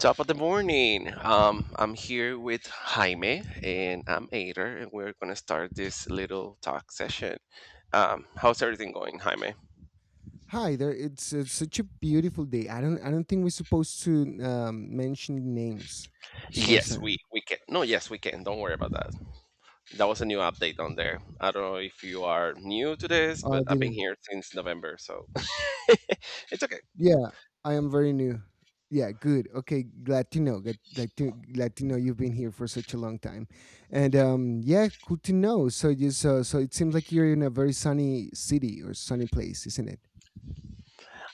Top of the morning. I'm here with Jaime and I'm Ader, and we're gonna start this little talk session. How's everything going, Jaime? Hi there. It's such a beautiful day. I don't think we're supposed to mention names as far as Yes, I. we can. No, yes, we can. Don't worry about that. That was a new update on there. I don't know if you are new to this, Oh, but I I've been didn't. here since November, so it's okay. Yeah, I am very new. Yeah, good. Okay, Latino, Latino, Latino. You've been here for such a long time, and yeah, cool to know. So you, so so it seems like you're in a very sunny city or sunny place, isn't it?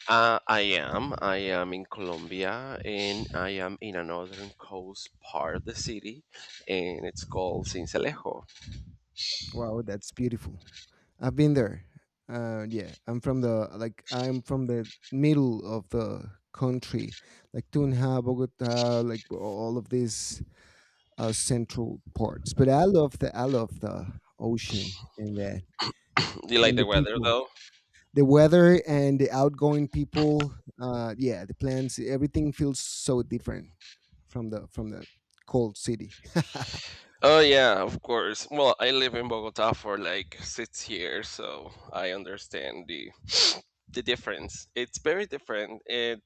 I am. I am in Colombia, and I am in a northern coast part of the city, and it's called Sincelejo. Wow, that's beautiful. I've been there. Yeah, I'm from the like I'm from the middle of the country, like Tunja, Bogota, like all of these central parts. But I love the ocean and that Do you like and the the weather people though? the weather and the outgoing people yeah the plants everything feels so different from the cold city. Oh yeah, of course. Well, I live in Bogota for like 6 years, so I understand the difference. It's very different. It,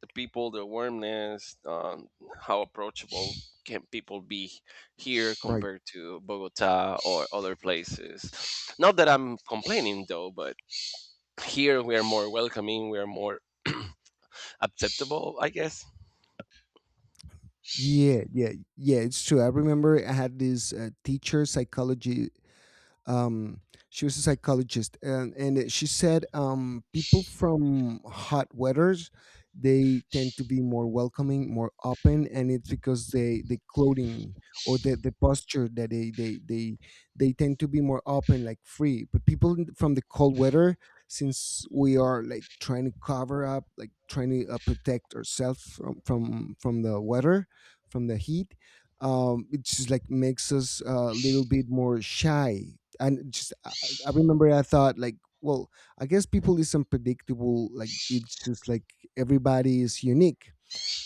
the people, the warmness, how approachable can people be here Right. compared to Bogota or other places. Not that I'm complaining though, but here we are more welcoming. We are more acceptable, I guess. Yeah, yeah, it's true. I remember I had this teacher psychology, um, she was a psychologist and she said people from hot weathers they tend to be more welcoming, more open, and it's because they the clothing or the posture that they tend to be more open, like free, but people from the cold weather, since we are like trying to cover up, like trying to protect ourselves from the weather, from the heat. It just like makes us a little bit more shy, and I remember I thought like, well, I guess people is unpredictable. Like it's just like everybody is unique.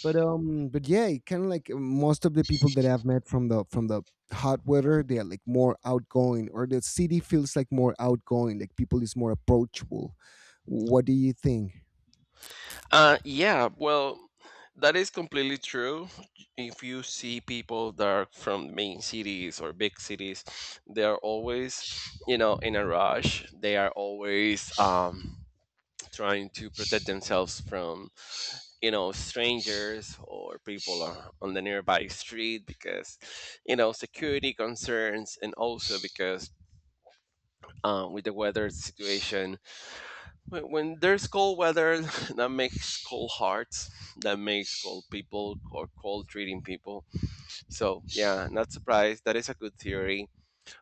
But yeah, kind of like most of the people that I've met from the hot weather, they are like more outgoing, or the city feels like more outgoing. Like people is more approachable. What do you think? Yeah, well, that is completely true. If you see people that are from main cities or big cities, they are always, you know, in a rush. They are always trying to protect themselves from, you know, strangers or people on the nearby street because, you know, security concerns and also because with the weather situation, when there's cold weather, that makes cold hearts. That makes cold people or cold treating people. So yeah, not surprised. That is a good theory.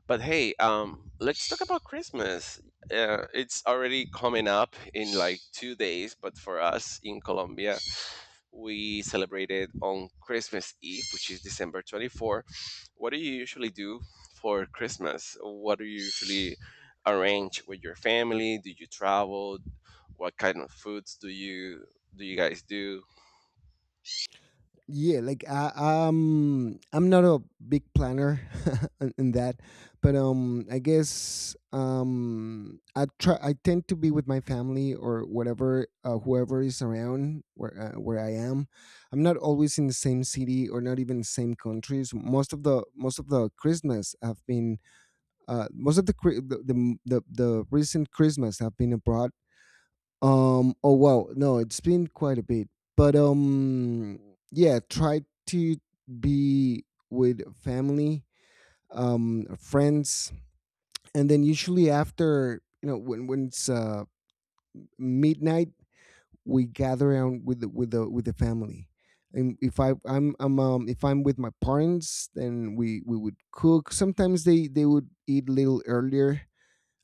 But hey, let's talk about Christmas. It's already coming up in like 2 days, but for us in Colombia, we celebrated on Christmas Eve, which is December 24. What do you usually do for Christmas? What do you usually arrange with your family? Do you travel? What kind of foods do you guys do? Yeah, like I'm not a big planner in that. But I guess I tend to be with my family, or whatever whoever is around, where I am. I'm not always in the same city or not even same countries. Most of the most of the Christmas have been most of the cri- the recent Christmas have been abroad. Oh wow. No, it's been quite a bit. But. Yeah. Try to be with family, friends, and then usually after you know when it's midnight, we gather around with the with the with the family. And if I'm if I'm with my parents, then we would cook. Sometimes they would eat a little earlier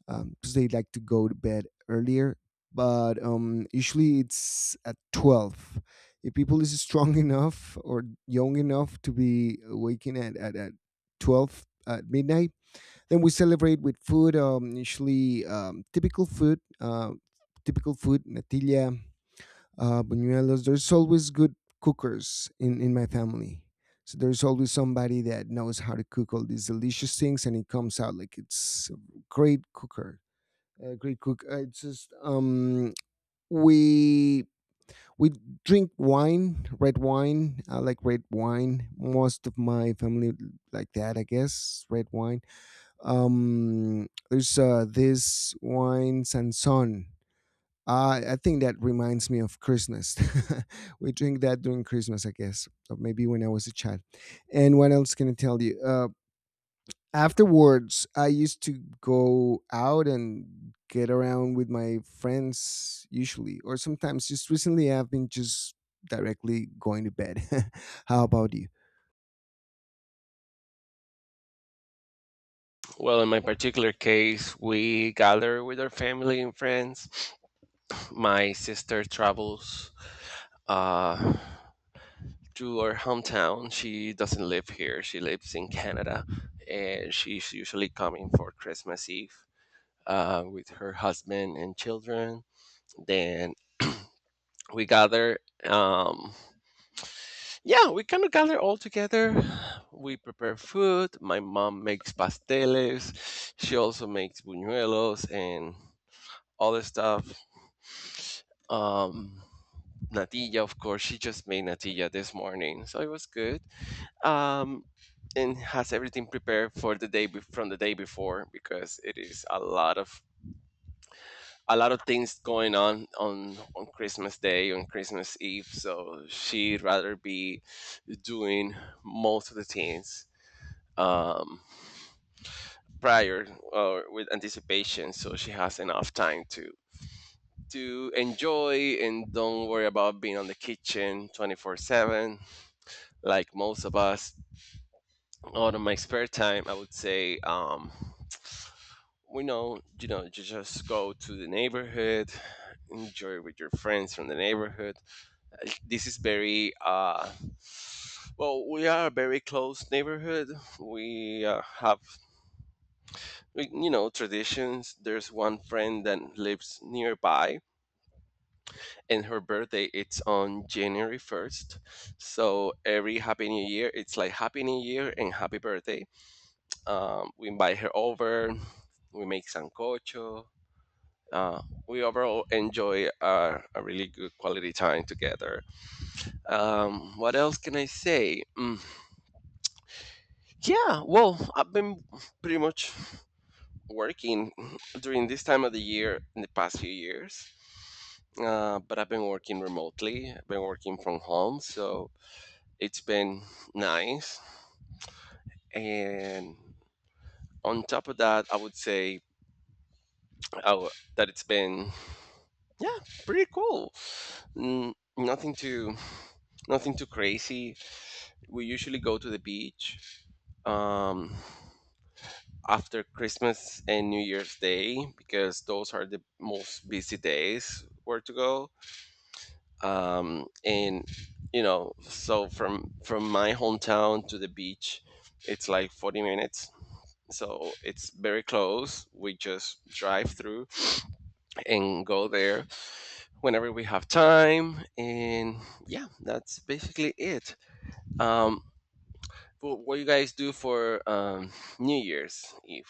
because they like to go to bed earlier. But usually it's at 12. If people is strong enough or young enough to be waking at 12 at midnight, then we celebrate with food. Usually typical food, natilla, buñuelos. There's always good cookers in my family. So there's always somebody that knows how to cook all these delicious things, and it comes out like it's a great cooker, great cook. It's just we we drink wine, red wine. I like red wine. Most of my family like that, I guess. Red wine. There's this wine Sanson. I think that reminds me of Christmas. We drink that during Christmas, I guess, or maybe when I was a child. And what else can I tell you? Afterwards I used to go out and get around with my friends, usually, or sometimes just recently I've been just directly going to bed. How about you? Well, in my particular case, we gather with our family and friends. My sister travels uh, to our hometown. She doesn't live here. She lives in Canada, and she's usually coming for Christmas Eve. With her husband and children. Then we gather. Yeah, we kind of gather all together. We prepare food. My mom makes pasteles. She also makes buñuelos and other stuff. Um, natilla, of course. She just made natilla this morning, so it was good. Um, and has everything prepared for the day from the day before because it is a lot of things going on on Christmas Day, on Christmas Eve. So she'd rather be doing most of the things um, prior or with anticipation, so she has enough time to enjoy and don't worry about being on the kitchen 24/7 like most of us. Out of my spare time, I would say. We know, you just go to the neighborhood, enjoy with your friends from the neighborhood. This is very well, we are a very close neighborhood. We have you know traditions. There's one friend that lives nearby, and her birthday, it's on January 1st. So every happy new year, it's like happy new year and happy birthday. We invite her over. We make sancocho. uh, we overall enjoy a really good quality time together. What else can I say? Mm, yeah, well, I've been pretty much working during this time of the year in the past few years, but I've been working remotely. I've been working from home, so it's been nice. And on top of that, I would say uh, that it's been, yeah, pretty cool. Mm, nothing too crazy. We usually go to the beach. Um, after Christmas and New Year's Day because those are the most busy days where to go. And you know, so from my hometown to the beach, it's like 40 minutes. So it's very close. We just drive through and go there whenever we have time. And yeah, that's basically it. Um, what you guys do for New Year's Eve?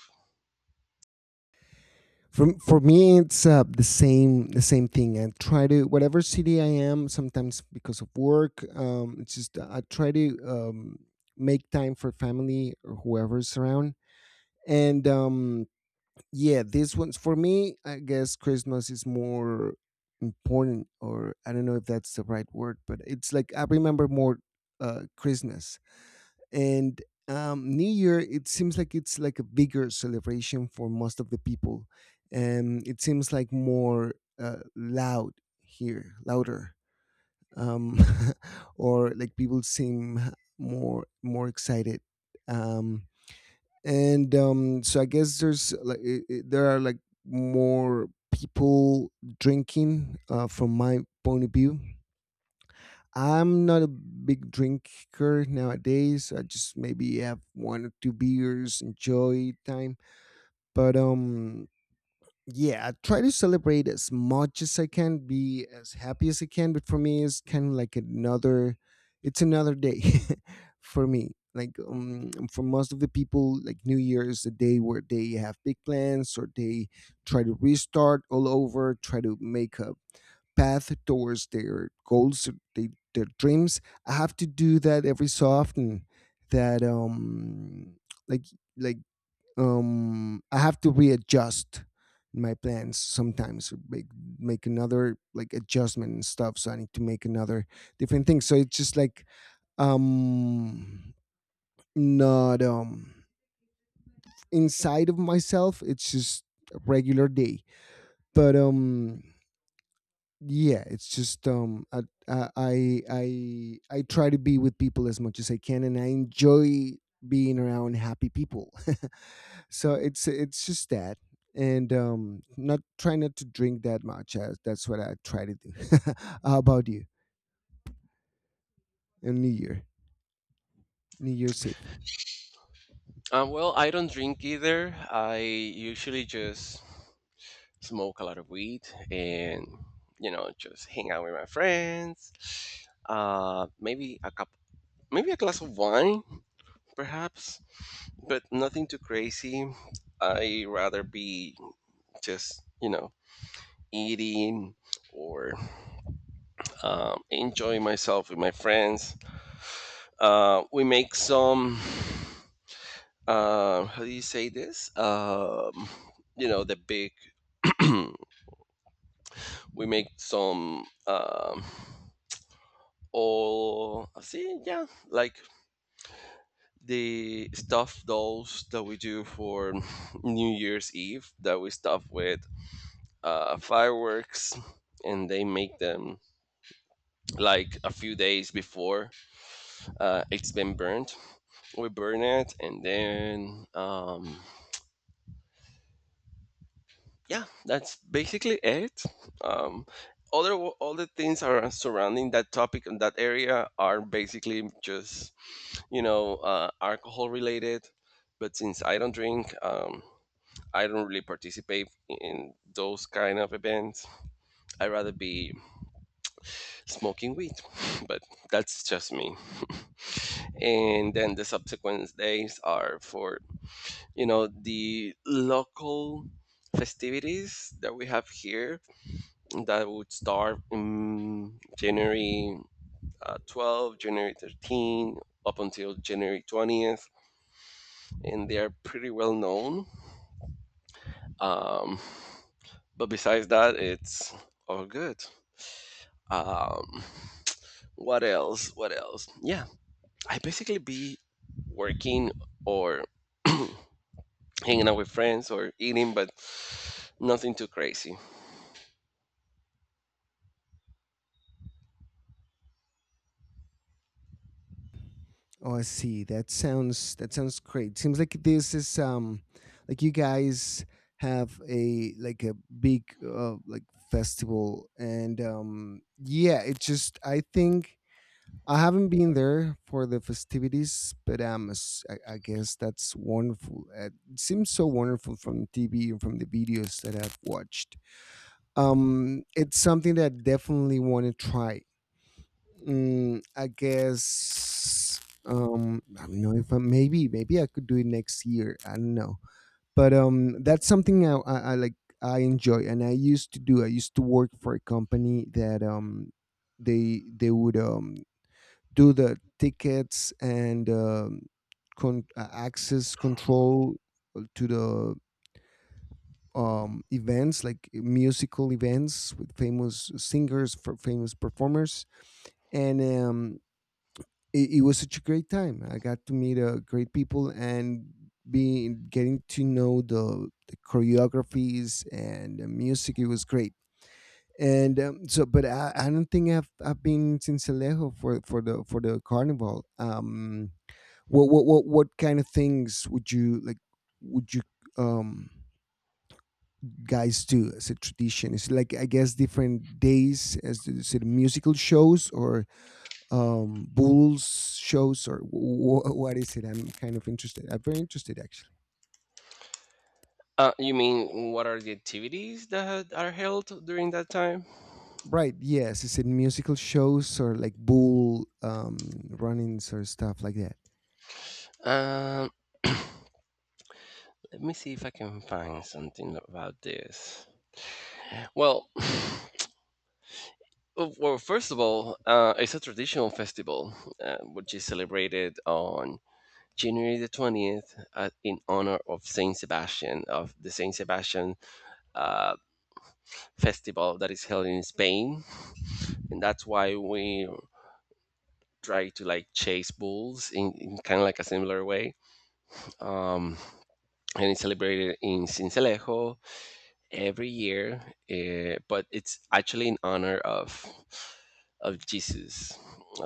For me it's the same thing. I try to whatever city I am, sometimes because of work, it's just I try to, make time for family or whoever's around. And yeah, this one's for me, I guess Christmas is more important, or I don't know if that's the right word, but it's like I remember more Christmas. And new year it seems like it's like a bigger celebration for most of the people, and it seems like more loud here, louder. um or like people seem more excited. Um and so I guess there's like there are like more people drinking, from my point of view. I'm not a big drinker nowadays, I just maybe have one or two beers, enjoy time. But yeah, I try to celebrate as much as I can, be as happy as I can. But for me, it's kind of like it's another day for me. Like for most of the people, like New Year is a day where they have big plans, or they try to restart all over, try to make a path towards their goals, or their dreams. I have to do that every so often. That like like I have to readjust my plans, sometimes make make another like adjustment and stuff, so I need to make another different thing. So it's just like, um not inside of myself it's just a regular day. But yeah, it's just I try to be with people as much as I can, and I enjoy being around happy people. So it's just that. And not try not to drink that much, as that's what I try to do. How about you and new year, new year's eve? Well, I don't drink either. I usually just smoke a lot of weed and, you know, just hang out with my friends. Maybe a cup, maybe a glass of wine, perhaps, but nothing too crazy. I rather be just, you know, eating or enjoying myself with my friends. We make some, how do you say this? You know, the big. We make some all see, yeah, like the stuffed dolls that we do for new year's eve that we stuff with fireworks, and they make them like a few days before. It's been burned. We burn it, and then yeah, that's basically it. um, Other all the things are surrounding that topic and that area are basically just you know, alcohol related. But since I don't drink, I don't really participate in those kind of events. I'd rather be smoking weed, but that's just me. And then the subsequent days are for, you know, the local festivities that we have here that would start in January 12, January 13, up until January 20th. And they are pretty well known. Um, but besides that, it's all good. Um, what else? What else? Yeah, I basically be working or hanging out with friends or eating, but nothing too crazy. Oh, I see. That sounds great seems like this is like you guys have a like a big like festival. And yeah, it just I think I haven't been there for the festivities, but I guess that's wonderful. It seems so wonderful from TV and from the videos that I've watched. It's something that I definitely want to try. Mm, I guess I don't know if I, maybe I could do it next year. I don't know, but that's something I like. I enjoy, and I used to do. I used to work for a company that they would do the tickets and, access control to the events, like musical events with famous singers, for famous performers. And it, it was such a great time. I got to meet great people, and being getting to know the choreographies and the music. It was great. And so but I don't think I've been in Sincelejo for the carnival. What kind of things would you like, would you, um guys do as a tradition? Is it like, I guess, different days, as the, is it musical shows, or bulls shows, or what is it? I'm kind of interested, I'm very interested, actually. You mean what are the activities that are held during that time? Right, yes, is it musical shows, or like bull run-ins, or stuff like that? Um, let me see if I can find something about this. Well, well, first of all, it's a traditional festival which is celebrated on January the 20th, in honor of Saint Sebastian, of the Saint Sebastian uh, festival that is held in Spain. And that's why we try to like chase bulls in kind of like a similar way. Um, and it's celebrated in Sincelejo every year, but it's actually in honor of Jesus.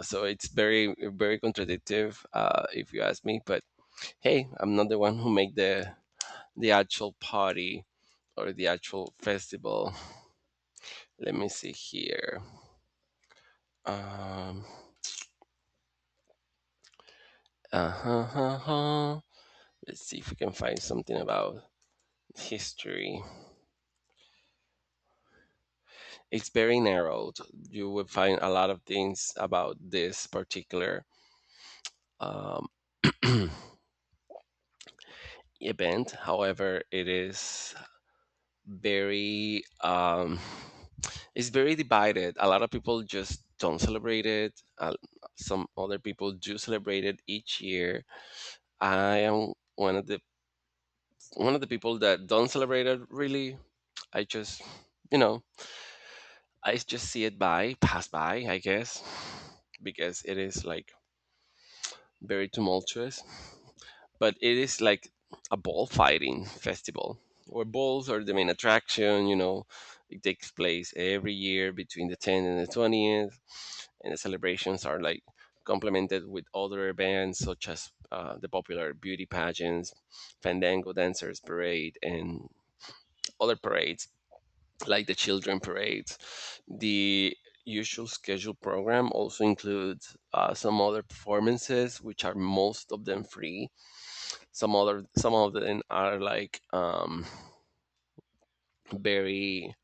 So it's very very contradictive, if you ask me. But hey, I'm not the one who made the actual party or the actual festival. Let me see here. Um, uh-huh, uh-huh. Let's see if we can find something about history. It's very narrowed. You will find a lot of things about this particular um, event. However, it is very it's very divided. A lot of people just don't celebrate it. Some other people do celebrate it each year. I am one of the people that don't celebrate it really. I just, you know, I just see it by, pass by, I guess, because it is like very tumultuous. But it is like a ball fighting festival where balls are the main attraction, you know. It takes place every year between the 10th and the 20th, and the celebrations are like complemented with other events such as the popular beauty pageants, Fandango Dancers Parade, and other parades like the children parade. The usual scheduled program also includes some other performances, which are most of them free. Some of them are like very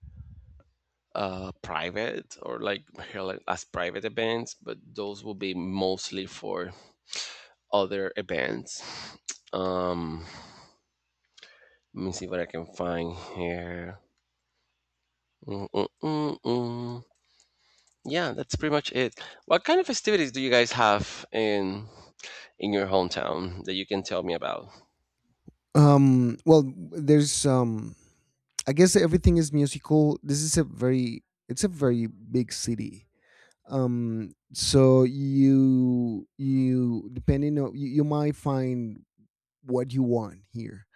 private or like held as private events, but those will be mostly for other events. Um, let me see what I can find here. Mm-mm-mm-mm. Yeah, that's pretty much it. What kind of festivities do you guys have in your hometown that you can tell me about? Well there's I guess everything is musical. This is a very it's a very big city. So you depending on, you might find what you want here.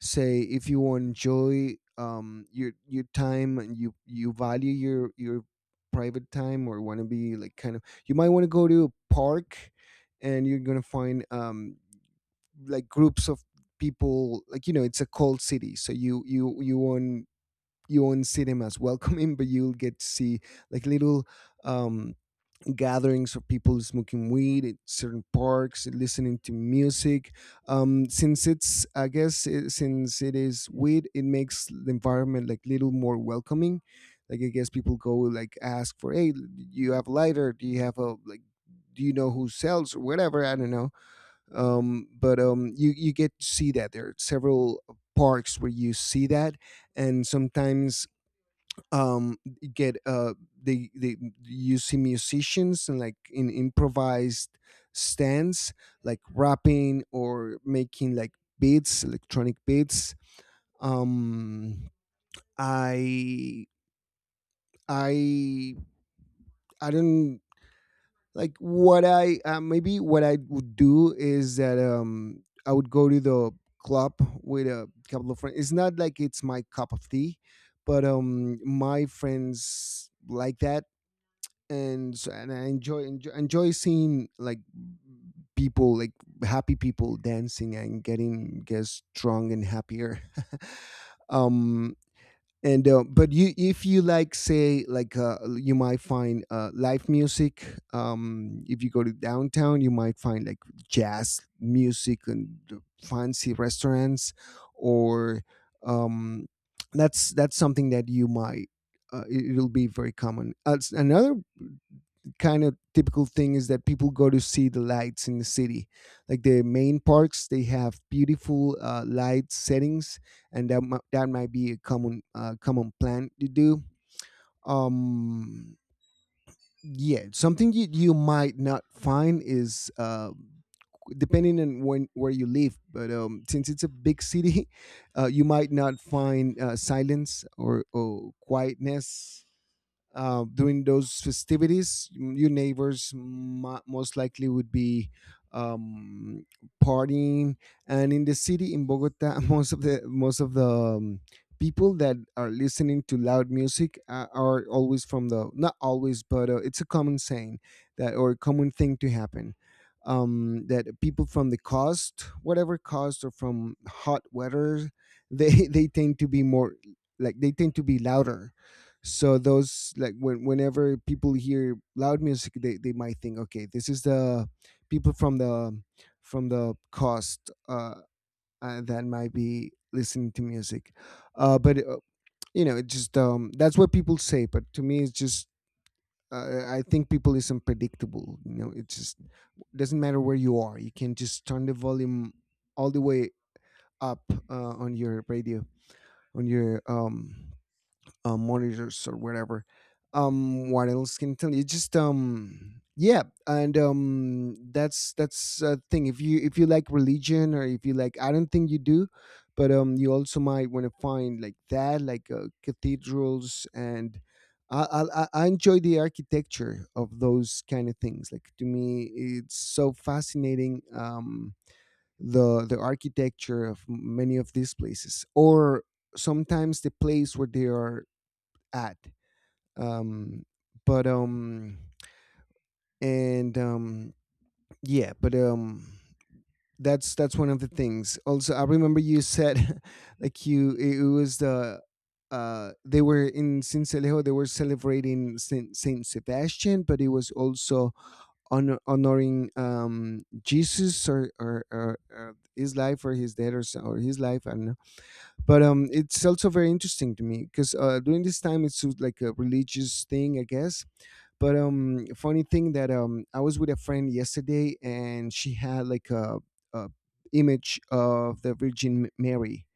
Say if you enjoy your time and you value your private time, or want to be like kind of, you might want to go to a park, and you're gonna find like groups of people. Like, you know, it's a cold city, so you won't, you won't see them as welcoming, but you'll get to see like little um gatherings of people smoking weed at certain parks, listening to music. Since it's, I guess, it, since it is weed, it makes the environment like little more welcoming. Like, I guess people go like ask for, hey, you have a lighter? Do you have a like? Do you know who sells or whatever? I don't know. But you you get to see that there are several parks where you see that, and sometimes um get they you see musicians and like in improvised stands like rapping or making like beats, electronic beats. Um I I I don't like what I, maybe what I would do is that I would go to the club with a couple of friends. It's not like it's my cup of tea, but my friends like that. And I enjoy, enjoy seeing like people like happy people dancing and getting get strong and happier. Um and But you, if you like say like, you might find live music. If you go to downtown, you might find like jazz music and the fancy restaurants, or um that's something that you might it'll be very common. Another kind of typical thing is that people go to see the lights in the city. Like the main parks, they have beautiful light settings, and that might be a common common plan to do. Um, yeah, something you might not find is depending on when where you live, but since it's a big city, you might not find silence or quietness during those festivities, your neighbors most likely would be um, partying. And in the city in Bogota, most of the people that are listening to loud music are always from the. Not always, but it's a common saying that or common thing to happen. That people from the coast, whatever coast, or from hot weather, they they tend to be more like they tend to be louder. So those like whenever people hear loud music they might think, okay, this is the people from the coast, uh that might be listening to music but you know it just. That's what people say, but to me it's just I think people is unpredictable. You know, it just doesn't matter where you are, you can just turn the volume all the way up on your radio, on your monitors or whatever. What else can I tell you? Just Yeah, and that's a thing. If you like religion or if you like, I don't think you do, but you also might want to find like that, like cathedrals and. I enjoy the architecture of those kind of things. Like, to me, it's so fascinating. The architecture of many of these places, or sometimes the place where they are at. Um, but and Yeah, but that's one of the things. Also, I remember you said like you it was the they were in Sincelejo. They were celebrating Saint Sebastian, but it was also honoring Jesus or his life or his death or his life. I don't know. But it's also very interesting to me because during this time it's sort of like a religious thing, I guess. But funny thing that I was with a friend yesterday, and she had like a image of the Virgin Mary,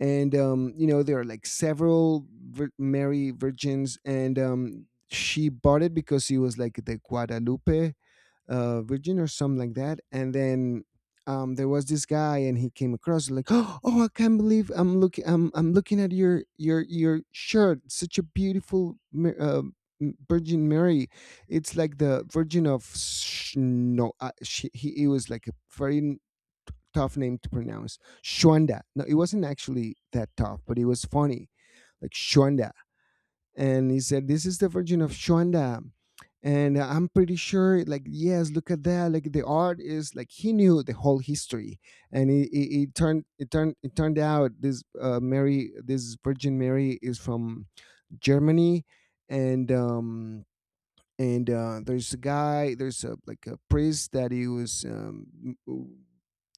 and you know there are like several Mary virgins, and she bought it because it was like the Guadalupe Virginia or something like that. And then there was this guy, and he came across like, oh, I can't believe I'm looking, I'm looking at your shirt. Such a beautiful Virgin Mary. It's like the Virgin of no. It was like a very tough name to pronounce. Shwanda. No, it wasn't actually that tough, but it was funny, like Shwanda, and he said, "This is the Virgin of Shonda." And I'm pretty sure, like, yes, look at that. Like the art is like he knew the whole history, and it turned out this Mary, this Virgin Mary, is from Germany, and um and there's a guy, there's a like a priest that he was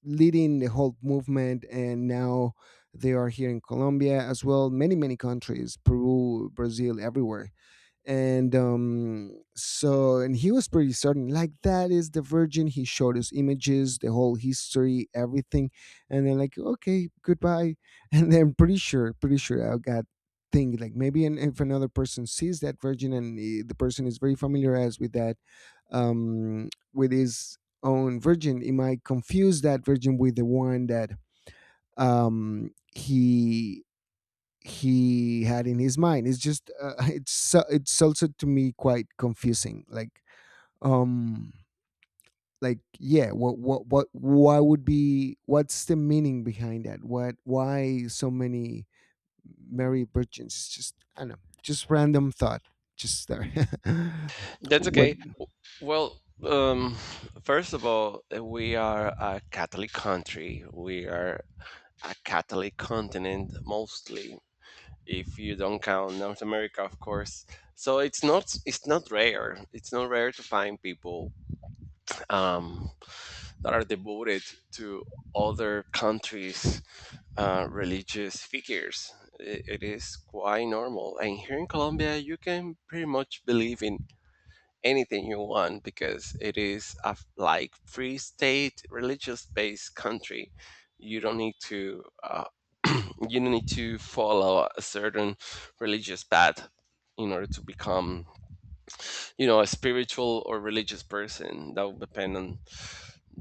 leading the whole movement, and now they are here in Colombia as well, many many countries, Peru, Brazil, everywhere. And and he was pretty certain, like, that is the virgin. He showed us images, the whole history, everything. And then like, okay, goodbye. And then pretty sure, pretty sure I got thing like maybe if another person sees that virgin and the person is very familiarized with that, with his own virgin, it might confuse that virgin with the one that um he he had in his mind. It's just it's it's also, to me, quite confusing. Like, um like, yeah, what why would be what's the meaning behind that? What why so many Mary Virgins? It's just I don't know, just random thought. Just there. That's What? okay. Well, first of all, we are a Catholic country. We are a Catholic continent mostly, if you don't count North America, of course. So it's not rare. It's not rare to find people um, that are devoted to other countries' religious figures. It is quite normal. And here in Colombia, you can pretty much believe in anything you want because it is like free state, religious-based country. You don't need to uh, you don't need to follow a certain religious path in order to become, you know, a spiritual or religious person. That would depend on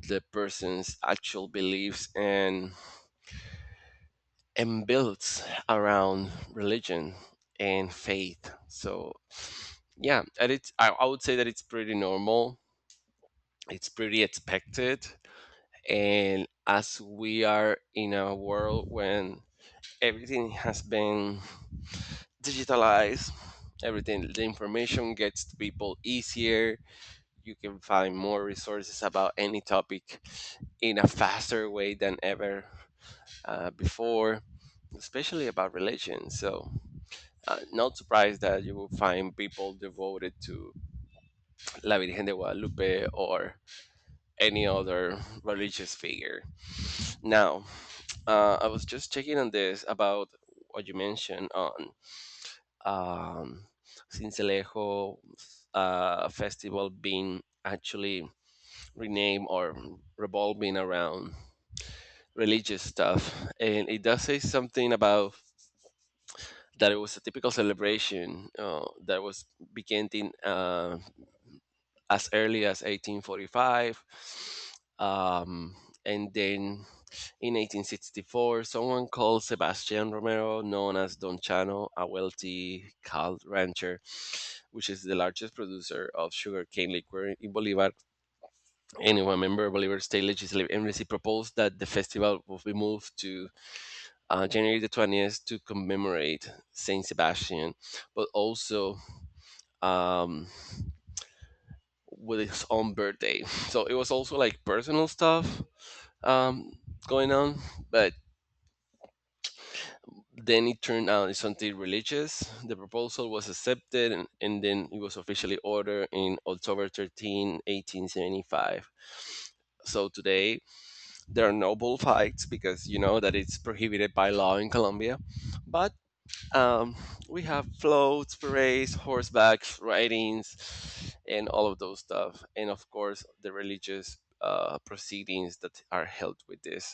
the person's actual beliefs and builds around religion and faith. So yeah, and I would say that it's pretty normal. It's pretty expected. And as we are in a world when everything has been digitalized, everything, the information gets to people easier. You can find more resources about any topic in a faster way than ever before, especially about religion. So, not surprised that you will find people devoted to La Virgen de Guadalupe or any other religious figure. Now, I was just checking on this about what you mentioned on um, Sincelejo festival being actually rename or revolving around religious stuff. And it does say something about that it was a typical celebration that was beginning as early as 1845. Um, and then in 1864, someone called Sebastian Romero, known as Don Chano, a wealthy cattle rancher, which is the largest producer of sugarcane liquor in Bolivar, anyway, a member of Bolivar State Legislative Embassy proposed that the festival will be moved to January the 20th to commemorate Saint Sebastian, but also um, with his own birthday. So it was also like personal stuff um, going on, but then it turned out it's something religious. The proposal was accepted and then it was officially ordered in October 13, 1875. So today, there are no bullfights because you know that it's prohibited by law in Colombia. But um, we have floats, parades, horsebacks, ridings, and all of those stuff. And of course, the religious proceedings that are held with this.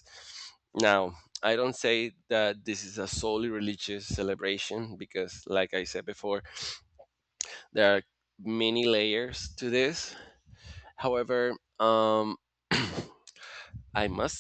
Now, I don't say that this is a solely religious celebration because, like I said before, there are many layers to this. However, um, I must